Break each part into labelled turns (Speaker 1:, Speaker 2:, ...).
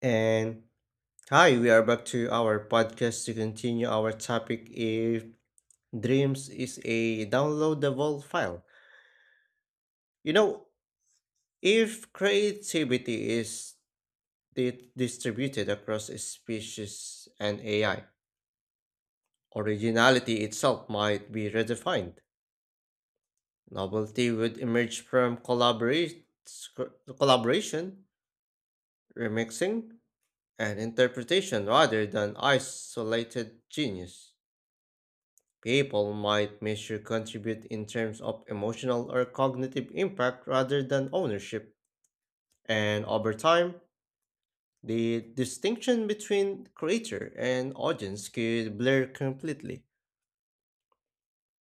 Speaker 1: And Hi, we are back to our podcast to continue our topic if dreams is a downloadable file. You know, if creativity is distributed across species and AI, originality itself might be redefined. Novelty would emerge from collaboration, remixing, and interpretation rather than isolated genius. People might measure contribute in terms of emotional or cognitive impact rather than ownership, and over time, the distinction between creator and audience could blur completely.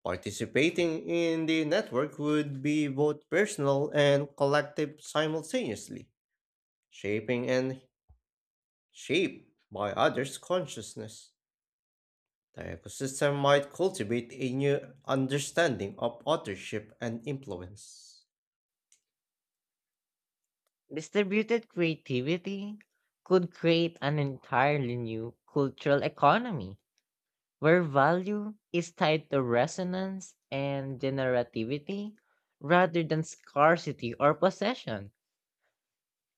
Speaker 1: Participating in the network would be both personal and collective simultaneously, shaping and shaped by others' consciousness. The ecosystem might cultivate a new understanding of authorship and influence.
Speaker 2: Distributed creativity could create an entirely new cultural economy where value is tied to resonance and generativity rather than scarcity or possession.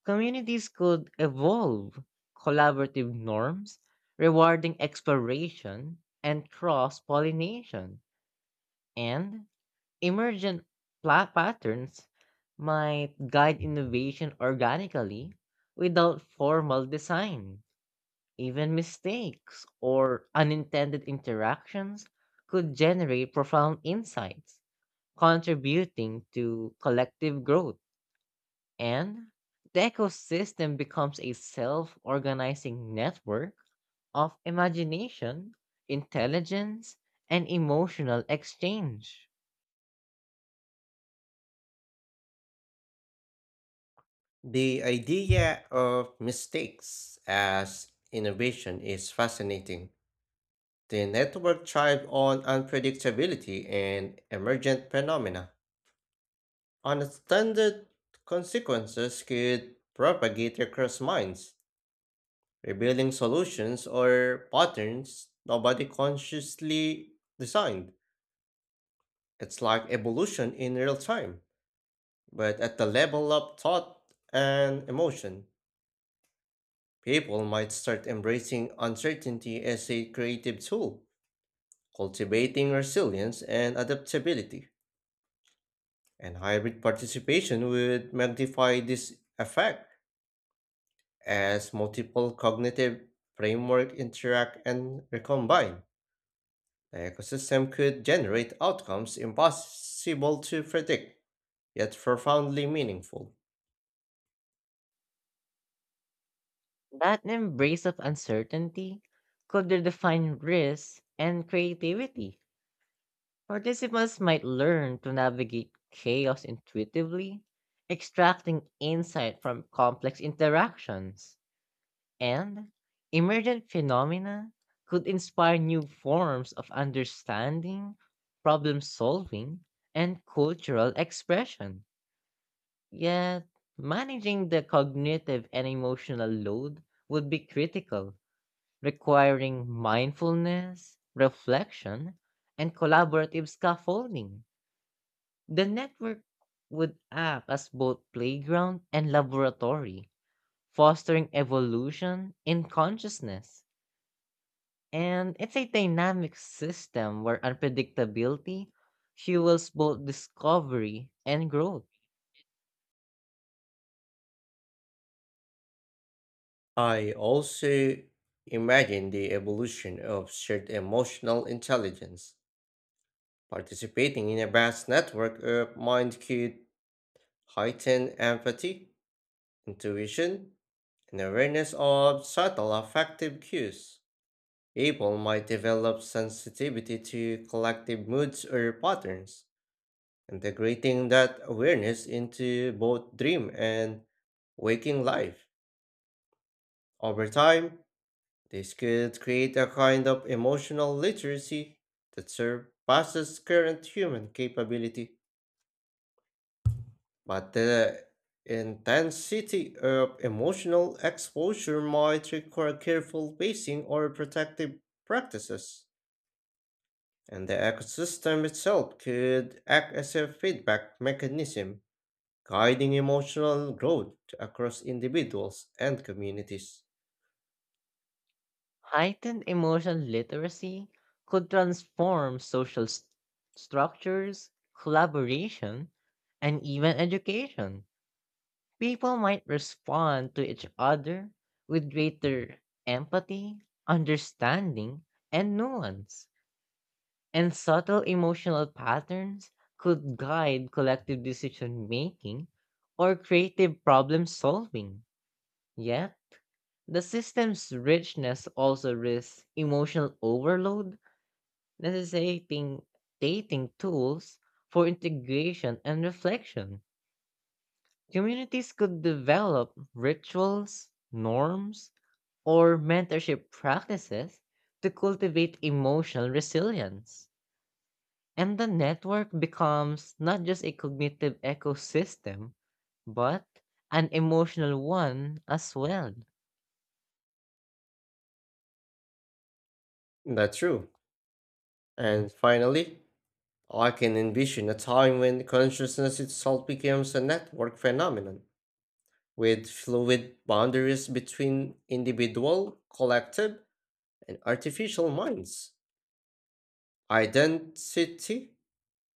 Speaker 2: Communities could evolve collaborative norms rewarding exploration and cross pollination. And emergent patterns might guide innovation organically without formal design. Even mistakes or unintended interactions could generate profound insights, contributing to collective growth. And the ecosystem becomes a self organizing network of imagination, intelligence, and emotional exchange.
Speaker 1: The idea of mistakes as innovation is fascinating. The network thrive on unpredictability and emergent phenomena. Unintended consequences could propagate across minds, revealing solutions or patterns nobody consciously designed. It's like evolution in real time, but at the level of thought and emotion. People might start embracing uncertainty as a creative tool, cultivating resilience and adaptability. And hybrid participation would magnify this effect as multiple cognitive frameworks interact and recombine. The ecosystem could generate outcomes impossible to predict, yet profoundly meaningful.
Speaker 2: That embrace of uncertainty could redefine risk and creativity. Participants might learn to navigate chaos intuitively, extracting insight from complex interactions, and emergent phenomena could inspire new forms of understanding, problem solving, and cultural expression. Yet, managing the cognitive and emotional load would be critical, requiring mindfulness, reflection, and collaborative scaffolding. The network would act as both playground and laboratory, fostering evolution in consciousness. And it's a dynamic system where unpredictability fuels both discovery and growth.
Speaker 1: I also imagine the evolution of shared emotional intelligence. Participating in a vast network of mind could heighten empathy, intuition, and awareness of subtle affective cues. People might develop sensitivity to collective moods or patterns, integrating that awareness into both dream and waking life. Over time, this could create a kind of emotional literacy that surpasses current human capability. But the intensity of emotional exposure might require careful pacing or protective practices, and the ecosystem itself could act as a feedback mechanism, guiding emotional growth across individuals and communities.
Speaker 2: Heightened emotional literacy could transform social structures, collaboration, and even education. People might respond to each other with greater empathy, understanding, and nuance. And subtle emotional patterns could guide collective decision making or creative problem solving. Yet, the system's richness also risks emotional overload, necessitating dating tools for integration and reflection. Communities could develop rituals, norms, or mentorship practices to cultivate emotional resilience. And the network becomes not just a cognitive ecosystem, but an emotional one as well.
Speaker 1: That's true. And finally, I can envision a time when consciousness itself becomes a network phenomenon with fluid boundaries between individual, collective, and artificial minds. Identity,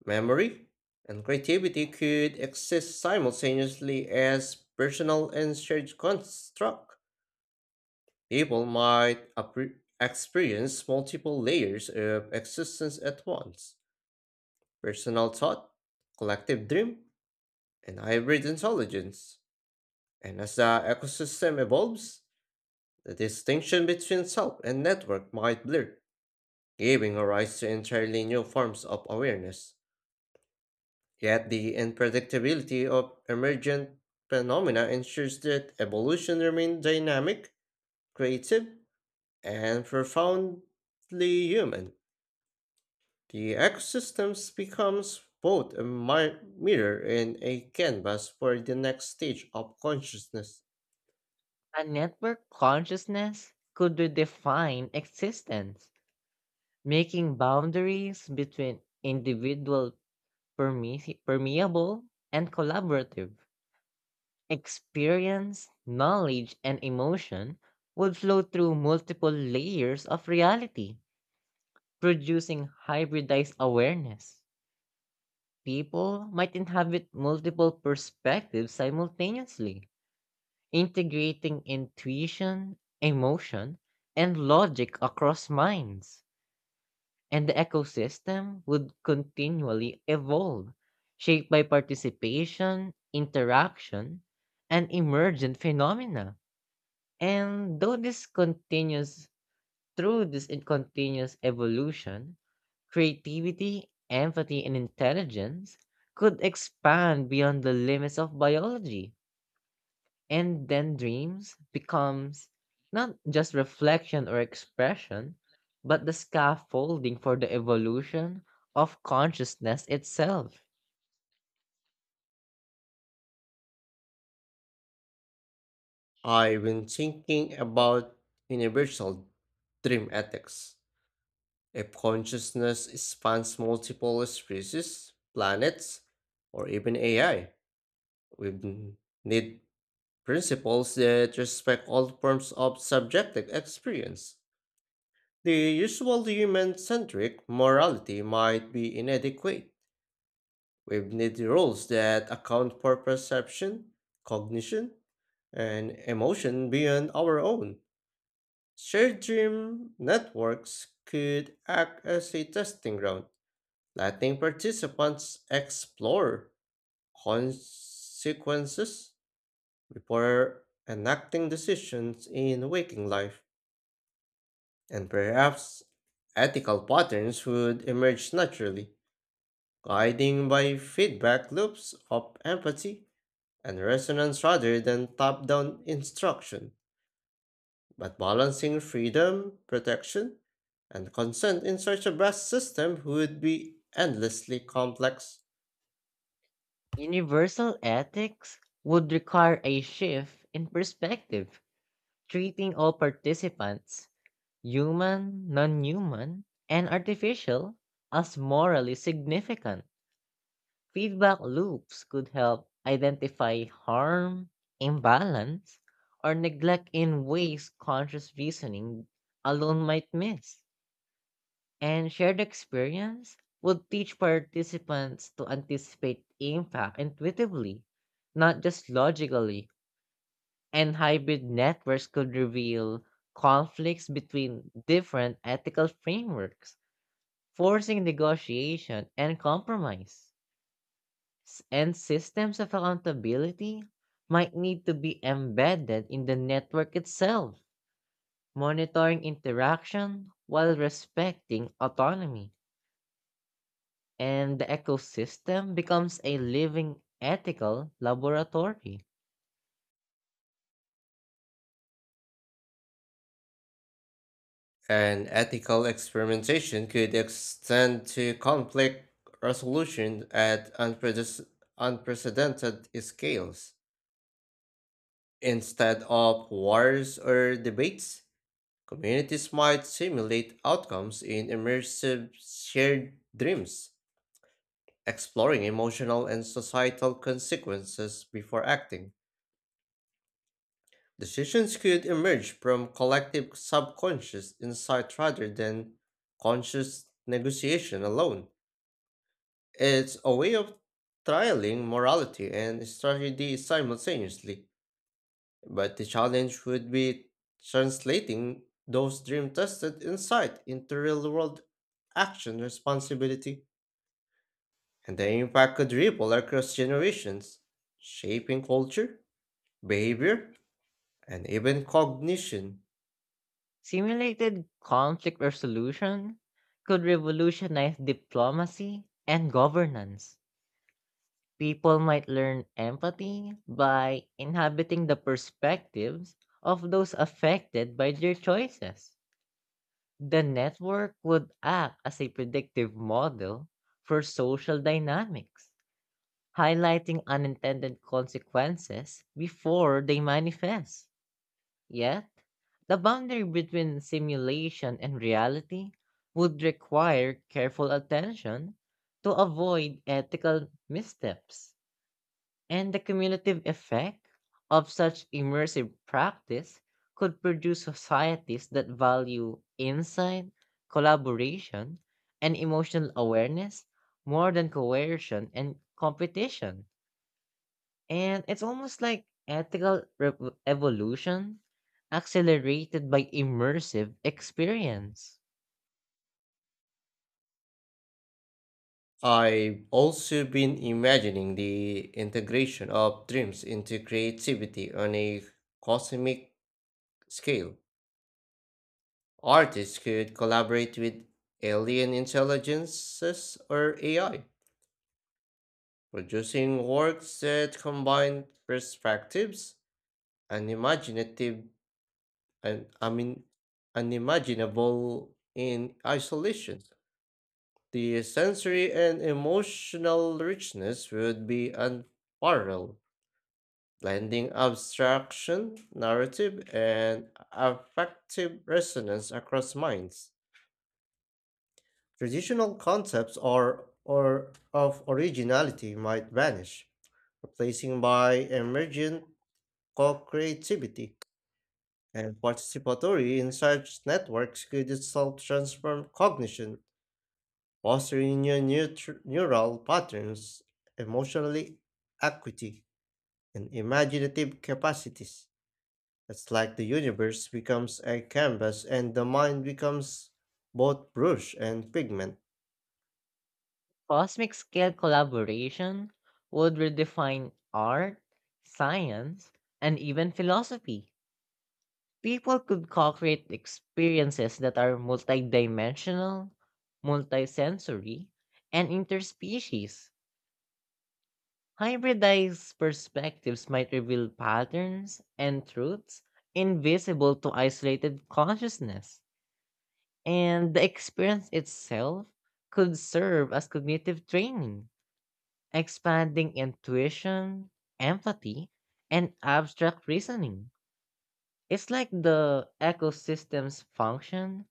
Speaker 1: memory, and creativity could exist simultaneously as personal and shared construct. People might experience multiple layers of existence at once, personal thought, collective dream, and hybrid intelligence. And as the ecosystem evolves, the distinction between self and network might blur, giving rise to entirely new forms of awareness. Yet the unpredictability of emergent phenomena ensures that evolution remains dynamic, creative, and profoundly human. The ecosystems becomes both a mirror and a canvas for the next stage of consciousness.
Speaker 2: A network consciousness could redefine existence, making boundaries between individual permeable and collaborative. Experience, knowledge, and emotion would flow through multiple layers of reality, producing hybridized awareness. People might inhabit multiple perspectives simultaneously, integrating intuition, emotion, and logic across minds. And the ecosystem would continually evolve, shaped by participation, interaction, and emergent phenomena. And though this continues through this continuous evolution, creativity, empathy, and intelligence could expand beyond the limits of biology, and then dreams becomes not just reflection or expression, but the scaffolding for the evolution of consciousness itself.
Speaker 1: I've been thinking about universal dream ethics. If consciousness spans multiple species, planets, or even AI, we need principles that respect all forms of subjective experience. The usual human centric morality might be inadequate. We need rules that account for perception, cognition, and emotion beyond our own. Shared dream networks could act as a testing ground, letting participants explore consequences before enacting decisions in waking life, and perhaps ethical patterns would emerge naturally, guiding by feedback loops of empathy and resonance rather than top down instruction. But balancing freedom, protection, and consent in such a vast system would be endlessly complex.
Speaker 2: Universal ethics would require a shift in perspective, treating all participants, human, non human, and artificial, as morally significant. Feedback loops could help identify harm, imbalance, or neglect in ways conscious reasoning alone might miss. And shared experience would teach participants to anticipate impact intuitively, not just logically. And hybrid networks could reveal conflicts between different ethical frameworks, forcing negotiation and compromise. And systems of accountability might need to be embedded in the network itself, monitoring interaction while respecting autonomy. And the ecosystem becomes a living ethical laboratory.
Speaker 1: And ethical experimentation could extend to conflict resolution at unprecedented scales. Instead of wars or debates, communities might simulate outcomes in immersive shared dreams, exploring emotional and societal consequences before acting. Decisions could emerge from collective subconscious insight rather than conscious negotiation alone. It's a way of trialing morality and strategy simultaneously, but the challenge would be translating those dream tested insight into real world action responsibility, and the impact could ripple across generations, shaping culture, behavior, and even cognition.
Speaker 2: Simulated conflict resolution could revolutionize diplomacy and governance. People might learn empathy by inhabiting the perspectives of those affected by their choices. The network would act as a predictive model for social dynamics, highlighting unintended consequences before they manifest. Yet, the boundary between simulation and reality would require careful attention to avoid ethical missteps. And the cumulative effect of such immersive practice could produce societies that value insight, collaboration, and emotional awareness more than coercion and competition. And it's almost like ethical evolution accelerated by immersive experience.
Speaker 1: I've also been imagining the integration of dreams into creativity on a cosmic scale. Artists could collaborate with alien intelligences or AI, producing works that combine perspectives and imaginative and unimaginable in isolation. The sensory and emotional richness would be unparalleled, blending abstraction, narrative, and affective resonance across minds. Traditional concepts are or of originality might vanish, replacing by emergent co-creativity. And participatory in such networks could itself transform cognition, fostering new neural patterns, emotionally acuity, and imaginative capacities. It's like the universe becomes a canvas and the mind becomes both brush and pigment.
Speaker 2: Cosmic scale collaboration would redefine art, science, and even philosophy. People could co-create experiences that are multidimensional, multisensory, and interspecies. Hybridized perspectives might reveal patterns and truths invisible to isolated consciousness, and the experience itself could serve as cognitive training, expanding intuition, empathy, and abstract reasoning. It's like the ecosystem's function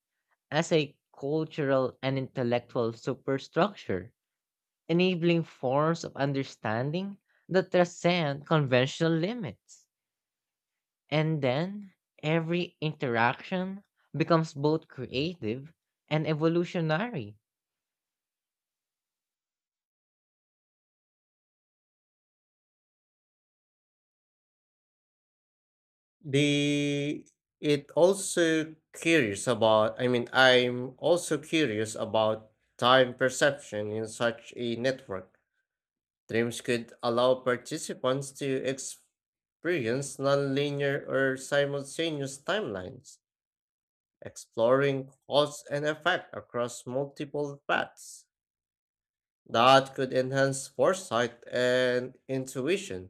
Speaker 2: as a cultural and intellectual superstructure, enabling forms of understanding that transcend conventional limits. And then every interaction becomes both creative and evolutionary.
Speaker 1: The it also curious about I mean I'm also curious about time perception in such a network. Dreams could allow participants to experience nonlinear or simultaneous timelines, exploring cause and effect across multiple paths. That could enhance foresight and intuition,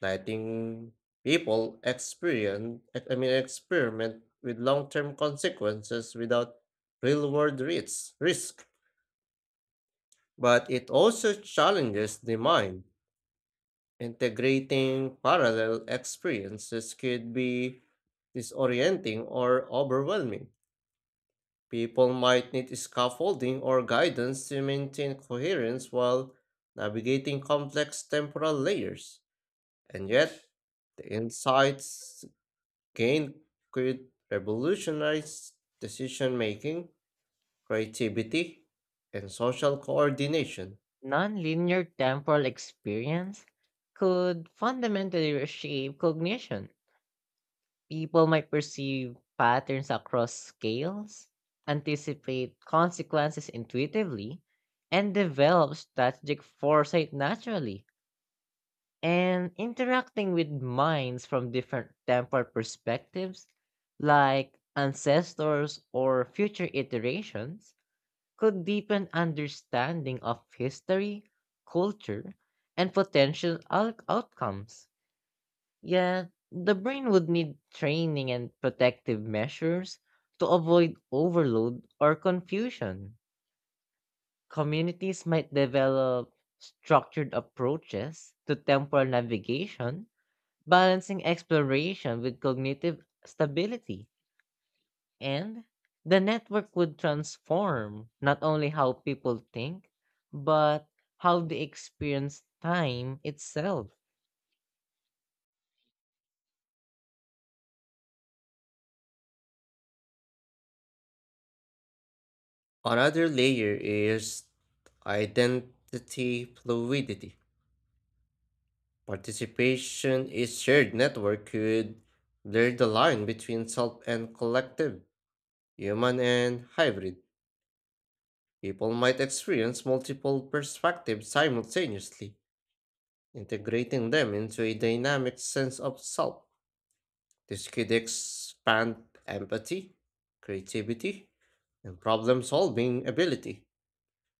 Speaker 1: letting people experience I mean experiment with long-term consequences without real-world risks risk. But it also challenges the mind. Integrating parallel experiences could be disorienting or overwhelming. People might need scaffolding or guidance to maintain coherence while navigating complex temporal layers. And yet, the insights gain could revolutionize decision making, creativity, and social coordination.
Speaker 2: Nonlinear temporal experience could fundamentally reshape cognition. People might perceive patterns across scales, anticipate consequences intuitively, and develop strategic foresight naturally. And interacting with minds from different temporal perspectives, like ancestors or future iterations, could deepen understanding of history, culture, and potential outcomes. Yeah, the brain would need training and protective measures to avoid overload or confusion. Communities might develop structured approaches to temporal navigation, balancing exploration with cognitive stability. And the network would transform not only how people think, but how they experience time itself.
Speaker 1: Another layer is identity fluidity. Participation is shared network could blur the line between self and collective, human and hybrid. People might experience multiple perspectives simultaneously, integrating them into a dynamic sense of self. This could expand empathy, creativity, and problem solving ability,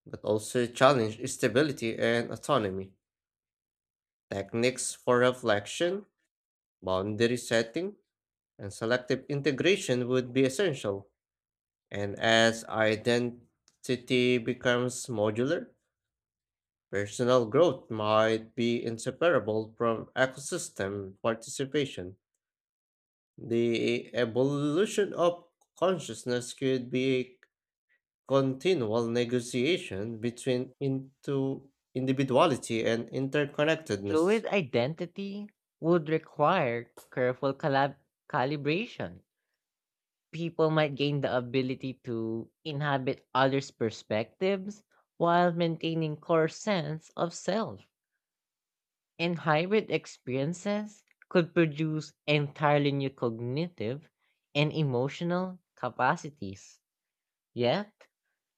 Speaker 1: but also challenge stability and autonomy. Techniques for reflection, boundary setting, and selective integration would be essential. And as identity becomes modular, personal growth might be inseparable from ecosystem participation. The evolution of consciousness could be continual negotiation between into individuality and interconnectedness.
Speaker 2: Fluid identity would require careful calibration. People might gain the ability to inhabit others' perspectives while maintaining core sense of self. And hybrid experiences could produce entirely new cognitive and emotional capacities. Yet,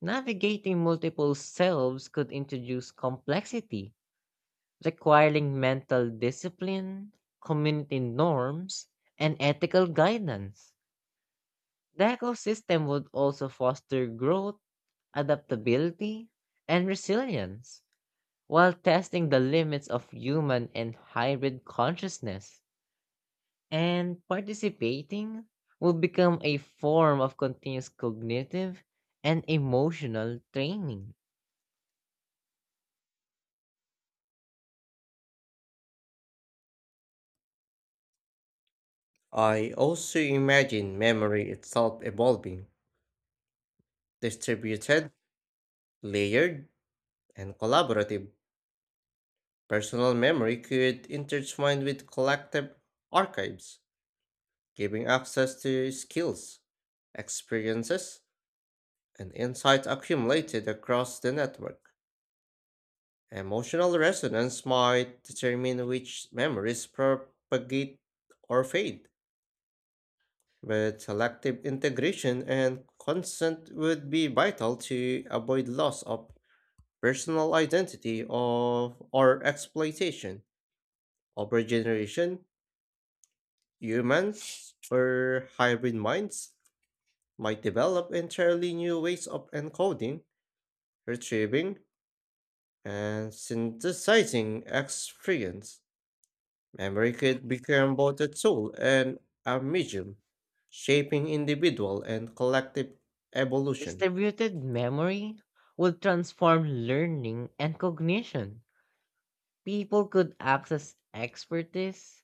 Speaker 2: navigating multiple selves could introduce complexity, requiring mental discipline, community norms, and ethical guidance. The ecosystem would also foster growth, adaptability, and resilience while testing the limits of human and hybrid consciousness. And participating will become a form of continuous cognitive and emotional training.
Speaker 1: I also imagine memory itself evolving, distributed, layered, and collaborative. Personal memory could intertwine with collective archives, giving access to skills, experiences, and insights accumulated across the network. Emotional resonance might determine which memories propagate or fade, but selective integration and consent would be vital to avoid loss of personal identity of, or exploitation. Over generation, humans or hybrid minds might develop entirely new ways of encoding, retrieving, and synthesizing experience. Memory could become both a tool and a medium, shaping individual and collective evolution.
Speaker 2: Distributed memory will transform learning and cognition. People could access expertise,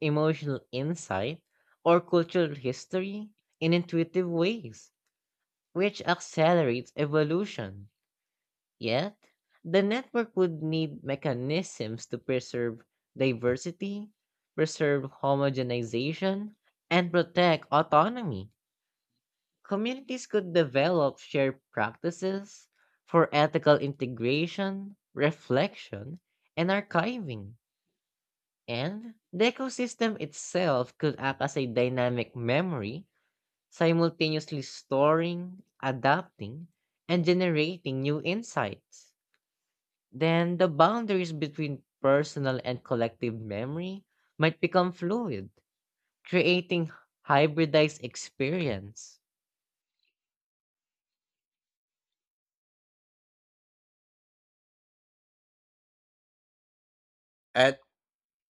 Speaker 2: emotional insight, or cultural history in intuitive ways, which accelerates evolution. Yet, the network would need mechanisms to preserve diversity, preserve homogenization, and protect autonomy. Communities could develop shared practices for ethical integration, reflection, and archiving. And the ecosystem itself could act as a dynamic memory, simultaneously storing, adapting, and generating new insights. Then the boundaries between personal and collective memory might become fluid, creating hybridized experience.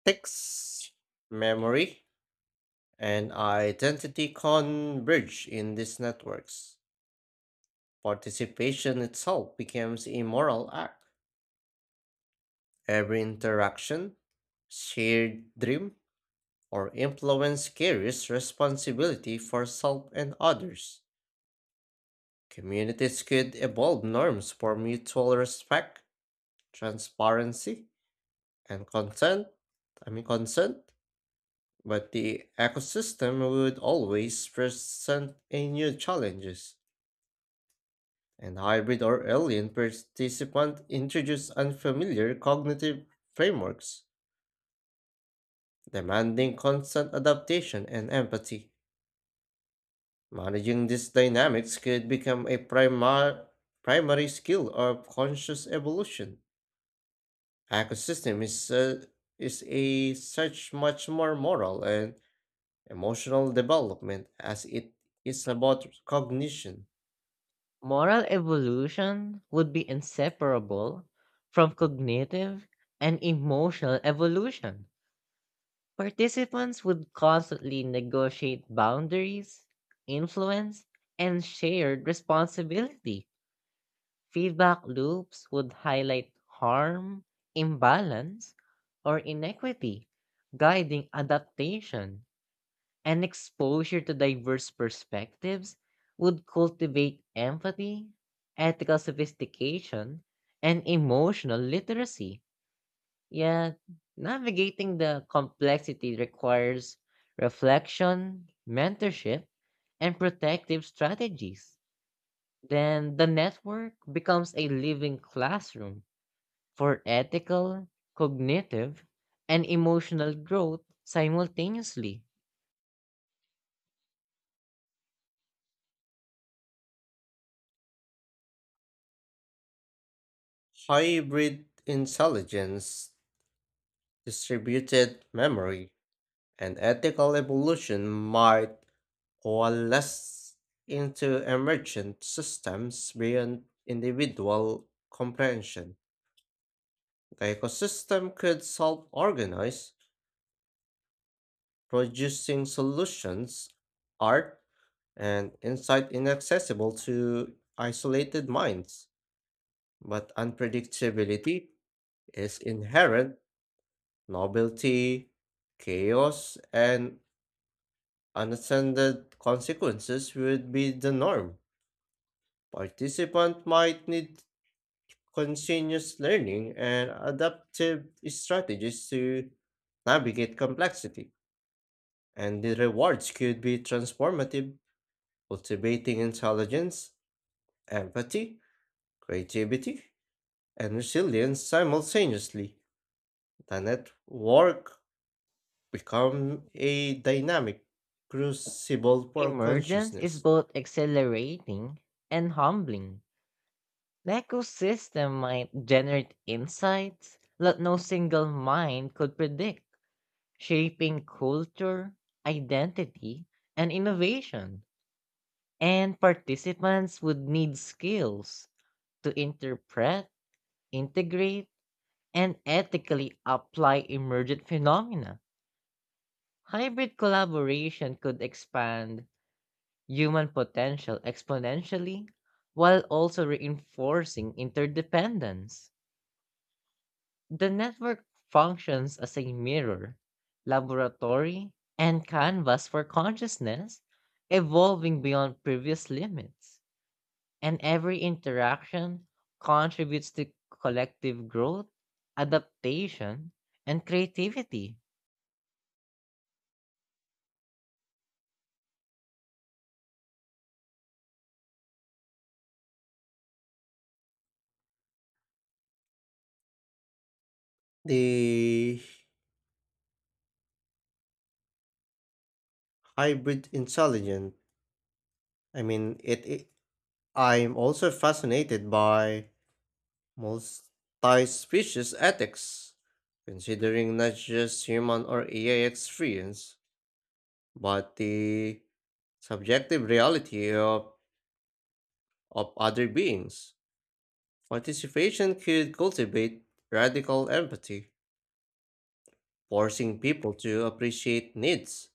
Speaker 1: Ethics, memory, and identity converge in these networks. Participation itself becomes a moral act. Every interaction, shared dream, or influence carries responsibility for self and others. Communities could evolve norms for mutual respect transparency, and consent. I mean consent, but the ecosystem would always present a new challenges. And hybrid or alien participants introduce unfamiliar cognitive frameworks, demanding constant adaptation and empathy. Managing these dynamics could become a primary skill of conscious evolution. Ecosystem is a such much more moral and emotional development, as it is about cognition,
Speaker 2: Moral evolution would be inseparable from cognitive and emotional evolution. Participants would constantly negotiate boundaries, influence, and shared responsibility. Feedback loops would highlight harm, imbalance, or inequity, guiding adaptation. And exposure to diverse perspectives would cultivate empathy, ethical sophistication, and emotional literacy. Yeah, navigating the complexity requires reflection, mentorship, and protective strategies. Then the network becomes a living classroom for ethical, cognitive, and emotional growth simultaneously.
Speaker 1: hybrid intelligence, distributed memory, and ethical evolution might coalesce into emergent systems beyond individual comprehension. The ecosystem could self organize, producing solutions, art, and insight inaccessible to isolated minds. But unpredictability is inherent, novelty, chaos, and unattended consequences would be the norm. Participant might need continuous learning and adaptive strategies to navigate complexity, and the rewards could be transformative, cultivating intelligence, empathy, creativity, and resilience simultaneously. The network become a dynamic, crucible for
Speaker 2: Emergence is
Speaker 1: consciousness.
Speaker 2: both accelerating and humbling. The ecosystem might generate insights that no single mind could predict, shaping culture, identity, and innovation. And participants would need skills to interpret, integrate, and ethically apply emergent phenomena. Hybrid collaboration could expand human potential exponentially while also reinforcing interdependence. The network functions as a mirror, laboratory, and canvas for consciousness, evolving beyond previous limits. And every interaction contributes to collective growth, adaptation, and creativity.
Speaker 1: The hybrid intelligence. I mean, it, it. I'm also fascinated by multi-species ethics, considering not just human or AI experience, but the subjective reality of other beings. Participation could cultivate radical empathy forcing people to appreciate needs,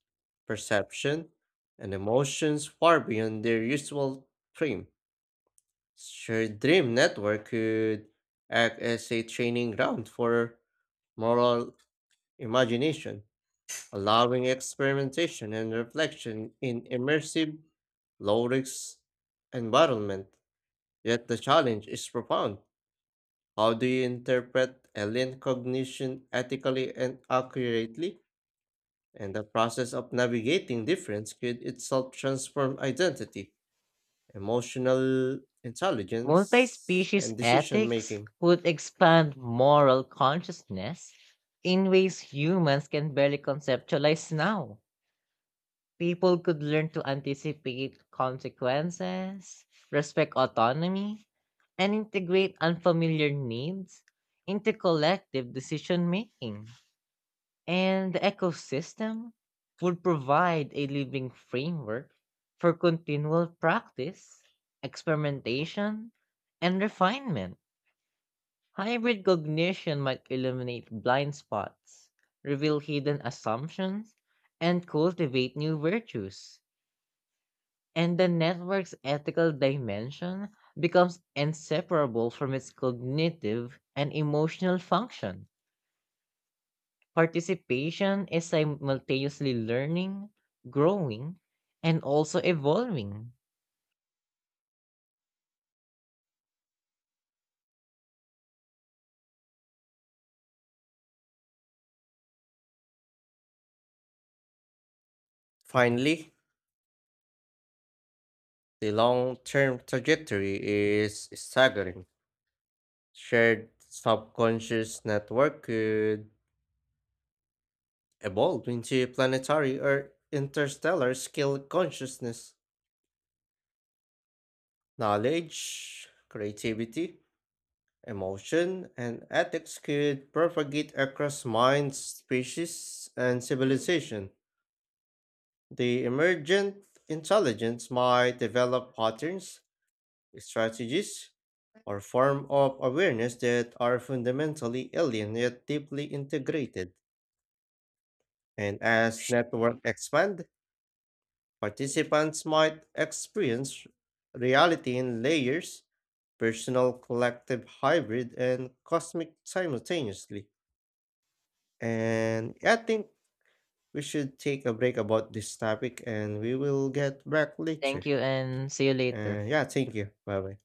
Speaker 1: perception, and emotions far beyond their usual dream. Shared Dream Network could act as a training ground for moral imagination, allowing experimentation and reflection in immersive, low risk environment. Yet the challenge is profound. How do you interpret alien cognition ethically and accurately? And the process of navigating difference could itself transform identity, emotional
Speaker 2: Multi
Speaker 1: intelligence,
Speaker 2: species
Speaker 1: and decision
Speaker 2: ethics
Speaker 1: making.
Speaker 2: would expand moral consciousness in ways humans can barely conceptualize now. People could learn to anticipate consequences, respect autonomy, and integrate unfamiliar needs into collective decision making. And the ecosystem would provide a living framework for continual practice, experimentation, and refinement. Hybrid cognition might illuminate blind spots, reveal hidden assumptions, and cultivate new virtues. And the network's ethical dimension becomes inseparable from its cognitive and emotional function. Participation is simultaneously learning, growing, and also evolving.
Speaker 1: Finally, the long term trajectory is staggering. Shared subconscious network could evolve into planetary or interstellar scale consciousness, knowledge, creativity, emotion and ethics could propagate across minds, species, and civilization. The emergent intelligence might develop patterns, strategies, or form of awareness that are fundamentally alien yet deeply integrated. And as network expand, participants might experience reality in layers, personal, collective, hybrid, and cosmic simultaneously. And yeah, I think we should take a break about this topic and we will get back
Speaker 2: Thank
Speaker 1: later.
Speaker 2: you, and see you later.
Speaker 1: And yeah, thank you. Bye bye.